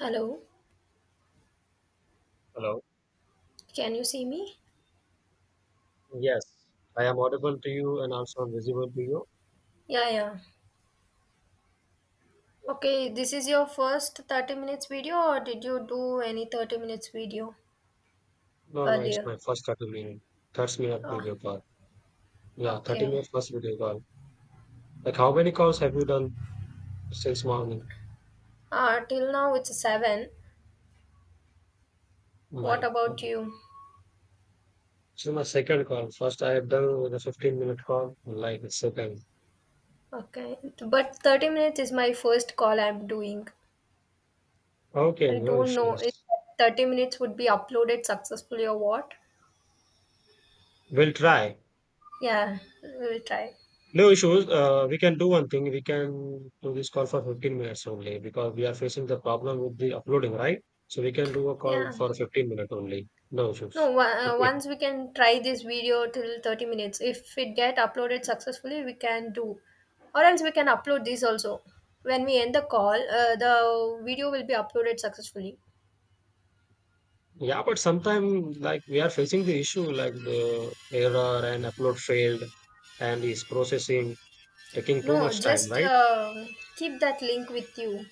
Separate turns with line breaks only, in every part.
Hello,
Hello.
can you see me?
Yes, I am audible to you and also visible to you.
Yeah, yeah.
Yeah.
Okay, this is your first 30 minutes video, or did you do any 30 minutes video
No, no, it's
earlier?
my first 30 minute. 30-minute
Ah,
video call. Yeah, 30
okay.
minute first video call. Like, how many calls have you done since morning?
Till now it's 7. What
My,
about you?
this is my second call. First, I have done with a 15-minute call, like, the second.
Okay, but 30 minutes is my first call I'm doing.
Okay,
I
no
don't know if
issues.
30 minutes would be uploaded successfully or what.
We'll try.
Yeah, we'll try.
No issues. We can do one thing. We can do this call for 15 minutes only because we are facing the problem with the uploading, right? So we can do a call
Yeah.
for 15 minutes only. No issues.
No, one-
Okay.
Once we can try this video till 30 minutes. If it get uploaded successfully, we can do. Or else we can upload this also. When we end the call, the video will be uploaded successfully.
Yeah, but sometimes like we are facing the issue like the error and upload failed and is processing taking too
No,
much time,
just
right?
Keep that link with you.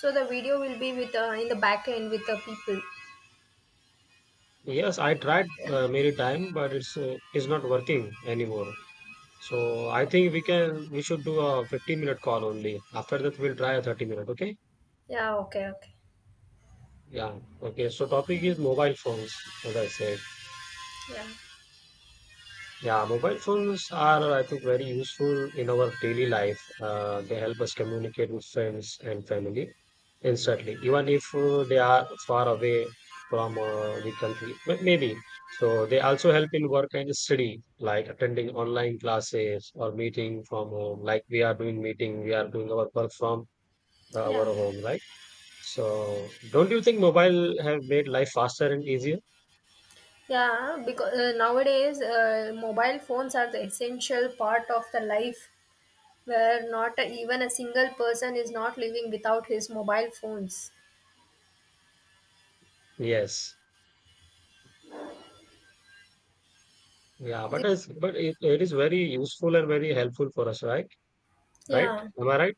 So the video will be with in the back end with the people.
Yes, I tried many time, but it's not working anymore. So I think we should do a 15-minute call only. After that, we'll try a 30 minute. Okay.
Yeah, okay, okay.
Yeah. Okay. So topic is
Mm,
mobile phones, as I said.
yeah,
Yeah, mobile phones are, I think, very useful in our daily life. They help us communicate with friends and family instantly, even if they are far away from the country. But maybe. So they also help in work and study, like attending online classes or meeting from home. Like we are doing meeting, we are doing our work from our
yeah,
home, right? So don't you think mobile have made life faster and easier?
yeah. Because nowadays, mobile phones are the essential part of the life where not even a single person is not living without his mobile phones.
Yes. Yeah, but
Thi-
it's but it, it is very useful and very helpful for us, right? Right?
yeah,
Am I right?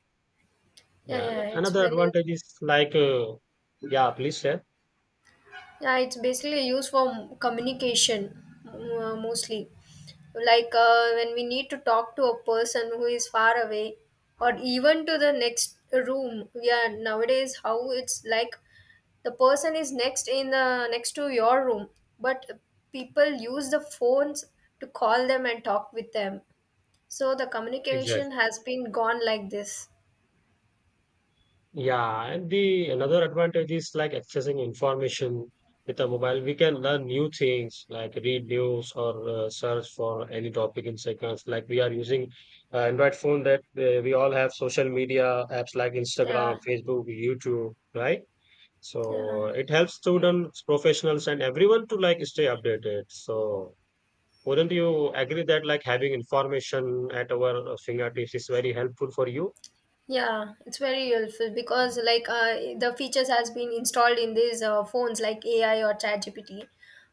yeah, yeah.
Yeah.
It's
Another
very
advantage is like, yeah, please share.
yeah. It's basically used for communication mostly. Like when we need to talk to a person who is far away, or even to the next room. Yeah, nowadays how it's like the person is next in the next to your room, but people use the phones to call them and talk with them. So the
Exactly.
communication has been gone like this.
Yeah, and the another advantage is like accessing information with a mobile. We can learn new things like read news or search for any topic in seconds. Like we are using Android phone that we all have social media apps like Instagram,
Yeah,
Facebook, YouTube, right? So
yeah,
it helps students, professionals, and everyone to like stay updated. So wouldn't you agree that like having information at our fingertips is very helpful for you?
yeah. It's very helpful because like the features has been installed in these phones like AI or ChatGPT,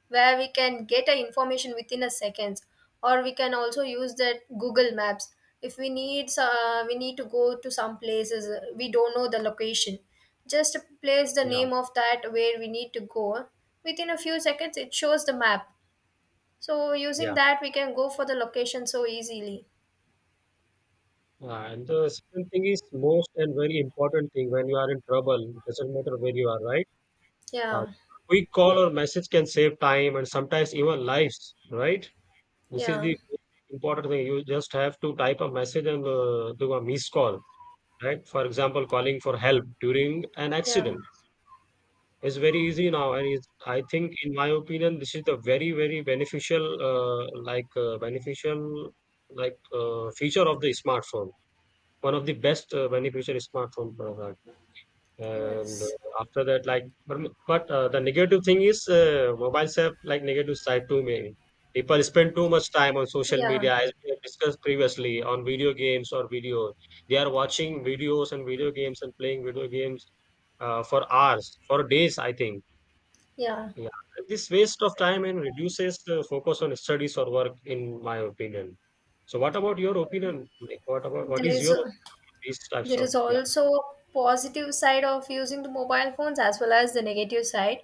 where we can get a information within a seconds, or we can also use that Google Maps. If we need we need to go to some places we don't know the location, just place the
Yeah,
name of that where we need to go. Within a few seconds, it shows the map. So using
yeah.
that, we can go for the location so easily.
And the second thing is most and very important thing when you are in trouble, it doesn't matter where you are, right? Uh,
Yeah,
Quick call or message can save time and sometimes even lives, right? This is
yeah,
the important thing. You just have to type a message and do a missed call, right? For example, calling for help during an
yeah,
accident. It's very easy now, and in my opinion, this is the very, very beneficial, feature of the smartphone. One of the best beneficial smartphone product. And
yes,
after that, like, but the negative thing is mobiles have like negative side too many. People spend too much time on social
yeah,
media, as we have discussed previously, on video games or video. They are watching videos and video games and playing video games for hours, for days, I think
yeah.
yeah, this waste of time and reduces the focus on studies or work, in my opinion. So, what about your opinion? Like, what about what
There
is
is
your opinion?
a,
On these types
there is
of? Yeah,
also a positive side of using the mobile phones as well as the negative side.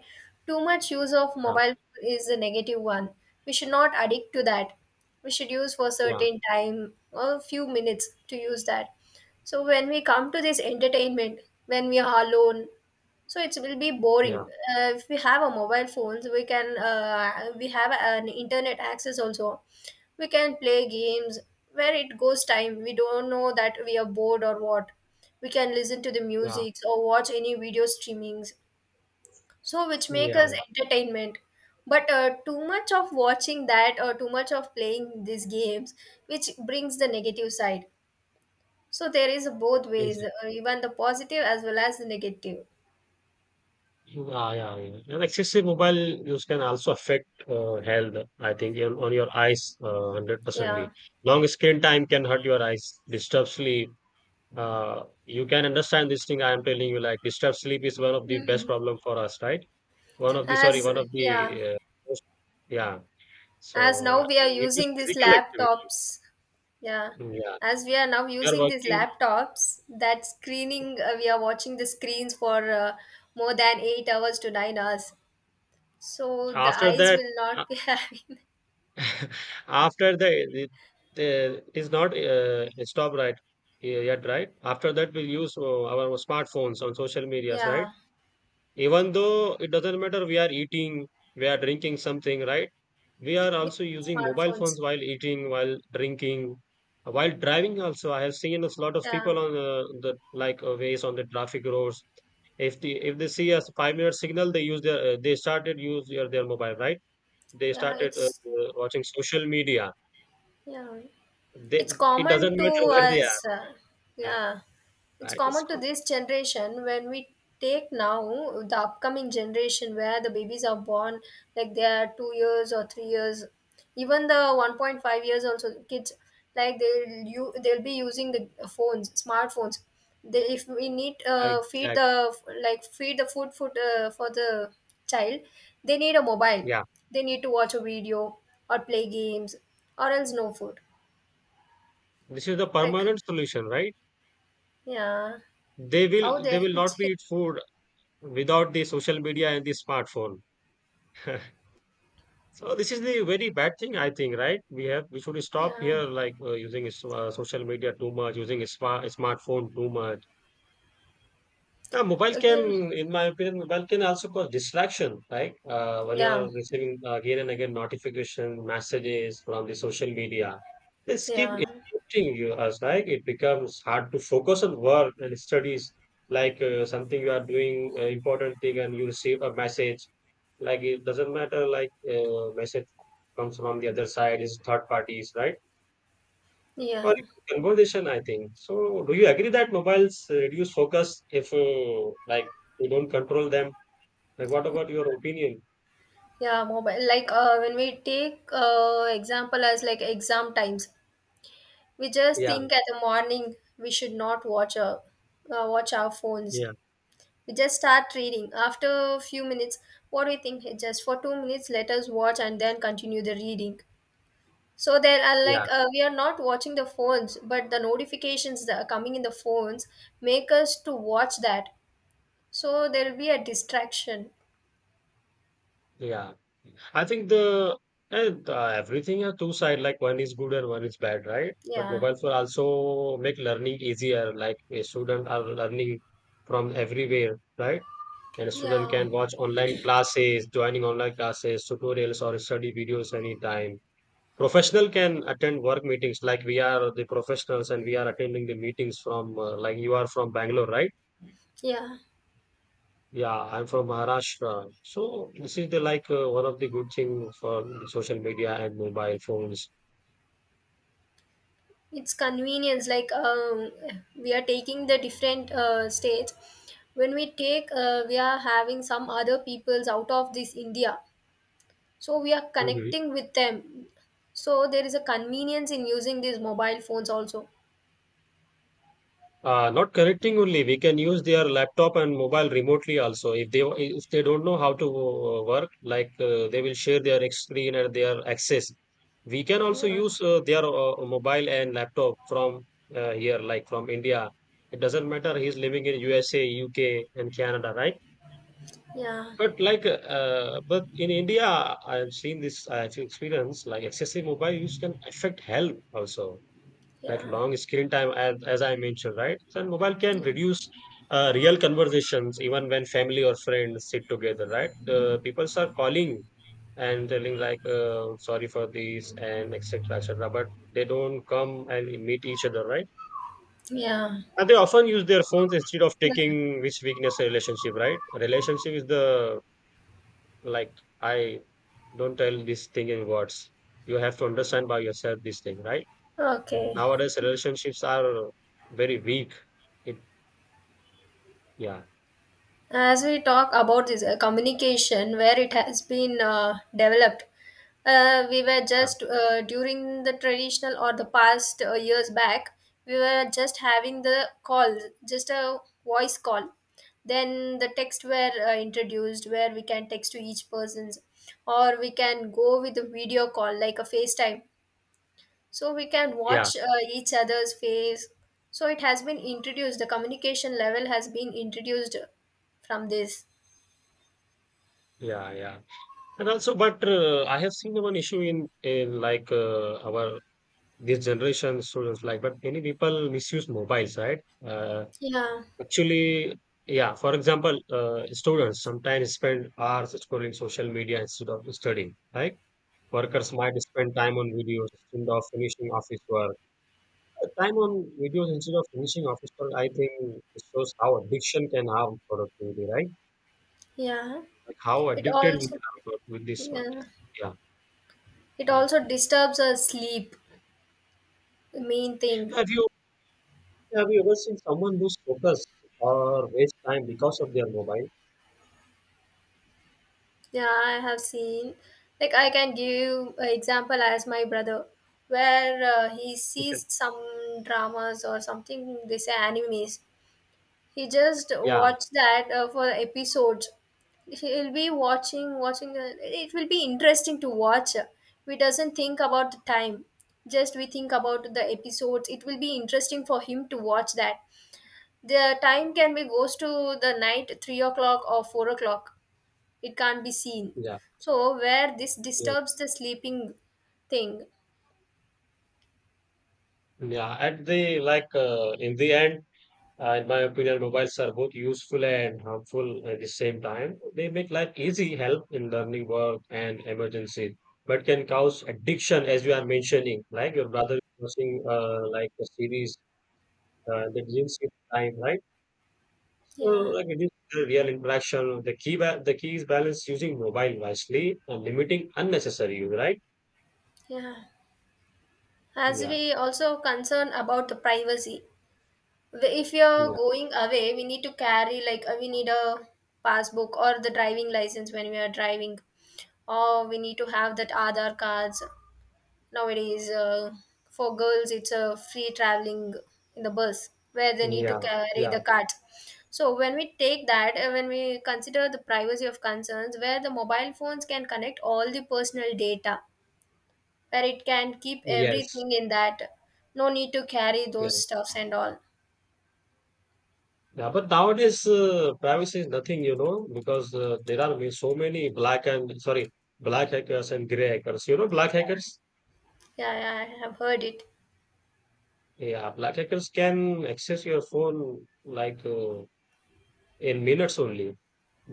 Too much use of
yeah,
mobile is the negative one. We should not addict to that. We should use for
yeah,
certain time, a few minutes to use that. So when we come to this entertainment, when we are alone, so it will be boring.
yeah,
If we have a mobile phones, we can we have an internet access also. We can play games where it goes time, we don't know that we are bored or what. We can listen to the
yeah,
music or watch any video streamings, so which make us
yeah,
entertainment. But too much of watching that or too much of playing these games, which brings the negative side. So there is both ways,
exactly.
even the positive as well as the negative.
Yeah, yeah, yeah. And excessive mobile use can also affect health. I think on your eyes, 100
Yeah,
percently. Long screen time can hurt your eyes, disturb sleep. You can understand this thing I am telling you. Like, disturb sleep is one of the best problem for us, right? One of the sorry,
as
one of
yeah,
the most yeah.
as
So
now
and
we are
it is
using these
physical activity.
laptops, yeah.
Mm, yeah,
As we are now
we are
using these
working.
laptops, that screening we are watching the screens for more than 8 hours to 9 hours, so the
After
eyes
that,
will not be having.
after the it is not stop right yet, right? After that, we use our smartphones on social medias, right?
Yeah,
Even though it doesn't matter, we are eating, we are drinking something, right? We are
with
also using mobile
smartphones.
phones while eating, while drinking, while driving. Also, I have seen a lot of
Yeah,
people on the like ways on the traffic roads. If they see a 5 minute signal, they started use their mobile, right? They
yeah,
started
it's
watching social media.
yeah, it's
They it
common
doesn't
to
matter where they are.
us,
Yeah,
yeah, it's
right. It's
common to
good.
this generation. When we take now the upcoming generation where the babies are born, like they are 2 years or 3 years, even the 1.5 years also kids, like they'll be using the phones smartphones. They, if we need feed
Exactly.
the like feed the food for the child, they need a mobile,
Yeah,
they need to watch a video or play games, or else no food.
this is the
Like,
permanent solution, right?
yeah,
They
how
will they
they
will not be
change.
eat food without the social media and the smartphone. So this is the very bad thing, I think, right? We should stop
Yeah,
here, like social media too much, using a smartphone too much. Yeah, mobile
again.
can, in my opinion, mobile can also cause distraction, right? When you are
Yeah,
receiving again and again notification messages from the social media, they keep
yeah,
interrupting you as like it becomes hard to focus on work and studies. Like something you are doing important thing and you receive a message, like it doesn't matter like message comes from the other side is third parties, right? Or
yeah,
even conversation, I think. So, do you agree that mobiles reduce focus if like you don't control them? Like, what about your opinion?
yeah. Mobile. Like when we take example as like exam times, we just
Yeah,
think at the morning we should not watch our phones.
yeah,
We just start reading. After a few minutes, what do we think, "Hey, just for 2 minutes, let us watch and then continue the reading." So there are
yeah,
like we are not watching the phones, but the notifications that are coming in the phones make us to watch that. So there'll be a distraction.
yeah. I think the and everything are two side. Like one is good and one is bad, right? But
Yeah.
mobiles will also make learning easier. Like a student are learning from everywhere, right? And a student
Yeah.
can watch online classes, joining online classes, tutorials, or study videos anytime. Professional can attend work meetings like we are the professionals and we are attending the meetings from like you are from Bangalore, right?
Yeah.
Yeah, I'm from Maharashtra. So this is the like one of the good thing for the social media and mobile phones.
It's convenience. Like we are taking the different states. When we take, we are having some other peoples out of this India. So we are
Mhm.
connecting with them. So there is a convenience in using these mobile phones also.
Not connecting only, we can use their laptop and mobile remotely also. If they don't know how to work, like they will share their screen and their access. We can also
Yeah.
use their mobile and laptop from here, like from India. It doesn't matter. He's living in USA, UK, and Canada, right?
Yeah.
But like, but in India, I've seen this. I've experienced like excessive mobile use can affect health also, like
Yeah.
long screen time as I mentioned, right. And mobile can
Yeah.
reduce real conversations even when family or friends sit together, right. The people are calling and telling like sorry for this and etc etc, but they don't come and meet each other, right,
Yeah.
and they often use their phones instead of
Like,
taking which weakness a relationship, right. Relationship is the like I don't tell this thing in words, you have to understand by yourself this thing, right.
okay.
Nowadays, relationships are very weak. It, yeah,
As we talk about this communication, where it has been developed, we were
yeah,
just during the traditional or the past years back, we were just having the call, just a voice call. Then the text were introduced, where we can text to each person's, or we can go with a video call like a facetime, so we can
yeah,
watch each other's face. So it has been introduced, the communication level has been introduced from this.
yeah, yeah. And also, but I have seen one issue in like our this generation students like, but many people misuse mobiles, right? Uh,
Yeah,
actually, yeah. For example, students sometimes spend hours scrolling social media instead of studying. Like workers might spend time on videos instead of finishing office work. The time on videos instead of finishing office work, I think it shows how addiction can harm productivity, right?
yeah.
Like how
It
addicted we
also
are with this one.
yeah.
Yeah,
It
right.
also disturbs our sleep. The main thing.
Have you have you ever seen someone lose focus or waste time because of their mobile?
Yeah, I have seen. Like I can give you an example as my brother, where he
You can-
sees some dramas or something. They say animes. He just
yeah,
watched that for episodes. He'll be watching. It will be interesting to watch. We doesn't think about the time. Just we think about the episodes. It will be interesting for him to watch that. The time can be goes to the night 3 o'clock or 4 o'clock. It can't be seen.
yeah,
So where this
yeah,
disturbs the sleeping thing.
yeah. At the like in the end, in my opinion, mobiles are both useful and harmful at the same time. They make life easy, help in learning, work, and emergency, but can cause addiction, as you are mentioning. Like your brother is watching, like a series that didn't see the time, right? So,
Yeah,
like it is a real interaction. The key is balance using mobile wisely and limiting unnecessary use, right?
yeah. As
Yeah,
we also concern about the privacy. The- if you're
yeah,
going away, we need to carry like we need a passbook or the driving license when we are driving, or we need to have that Aadhaar cards nowadays. For girls it's a free traveling in the bus, where they need
yeah,
to carry
yeah.
the card. So when we take that when we consider the privacy of concerns, where the mobile phones can connect all the personal data, where it can keep
Yes, yeah.
everything in that, no need to carry those stuffs and all.
Yeah, but nowadays privacy is nothing, you know, because there are so many black and sorry, black hackers and gray hackers. You know, black
Yeah.
hackers.
Yeah, yeah, I have heard it.
Yeah, black hackers can access your phone like in minutes only.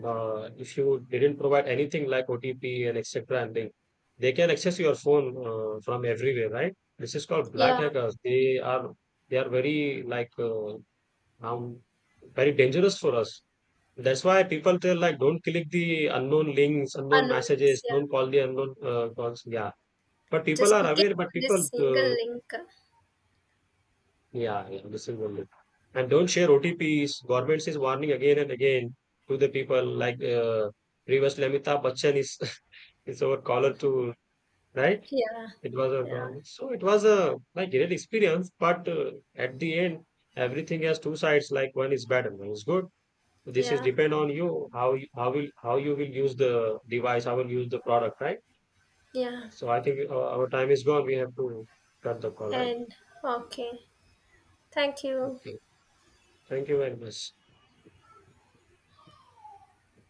If you didn't provide anything like OTP and etc. and they can access your phone from everywhere, right? This is called black
Yeah,
hackers. They are very like um, very dangerous for us. That's why people tell like don't click the unknown links, unknown
unknown.
messages,
Yeah,
don't call the unknown calls. Yeah, but people
just
are
clicking
aware. But
on this
people,
single link.
yeah, yeah, this is only. And don't share OTPs. Government is warning again and again to the people. Like previous Lamita Bachchan is is our caller to right.
Yeah,
It was a
yeah,
government. So it was a like great experience. But at the end, everything has two sides. Like one is bad and one is good. This is
yeah,
depend on you, how will how you will use the device, how will use the product, right?
yeah.
So I think our time is gone, we have to cut the call, right?
And okay, thank you.
Okay, thank you very much.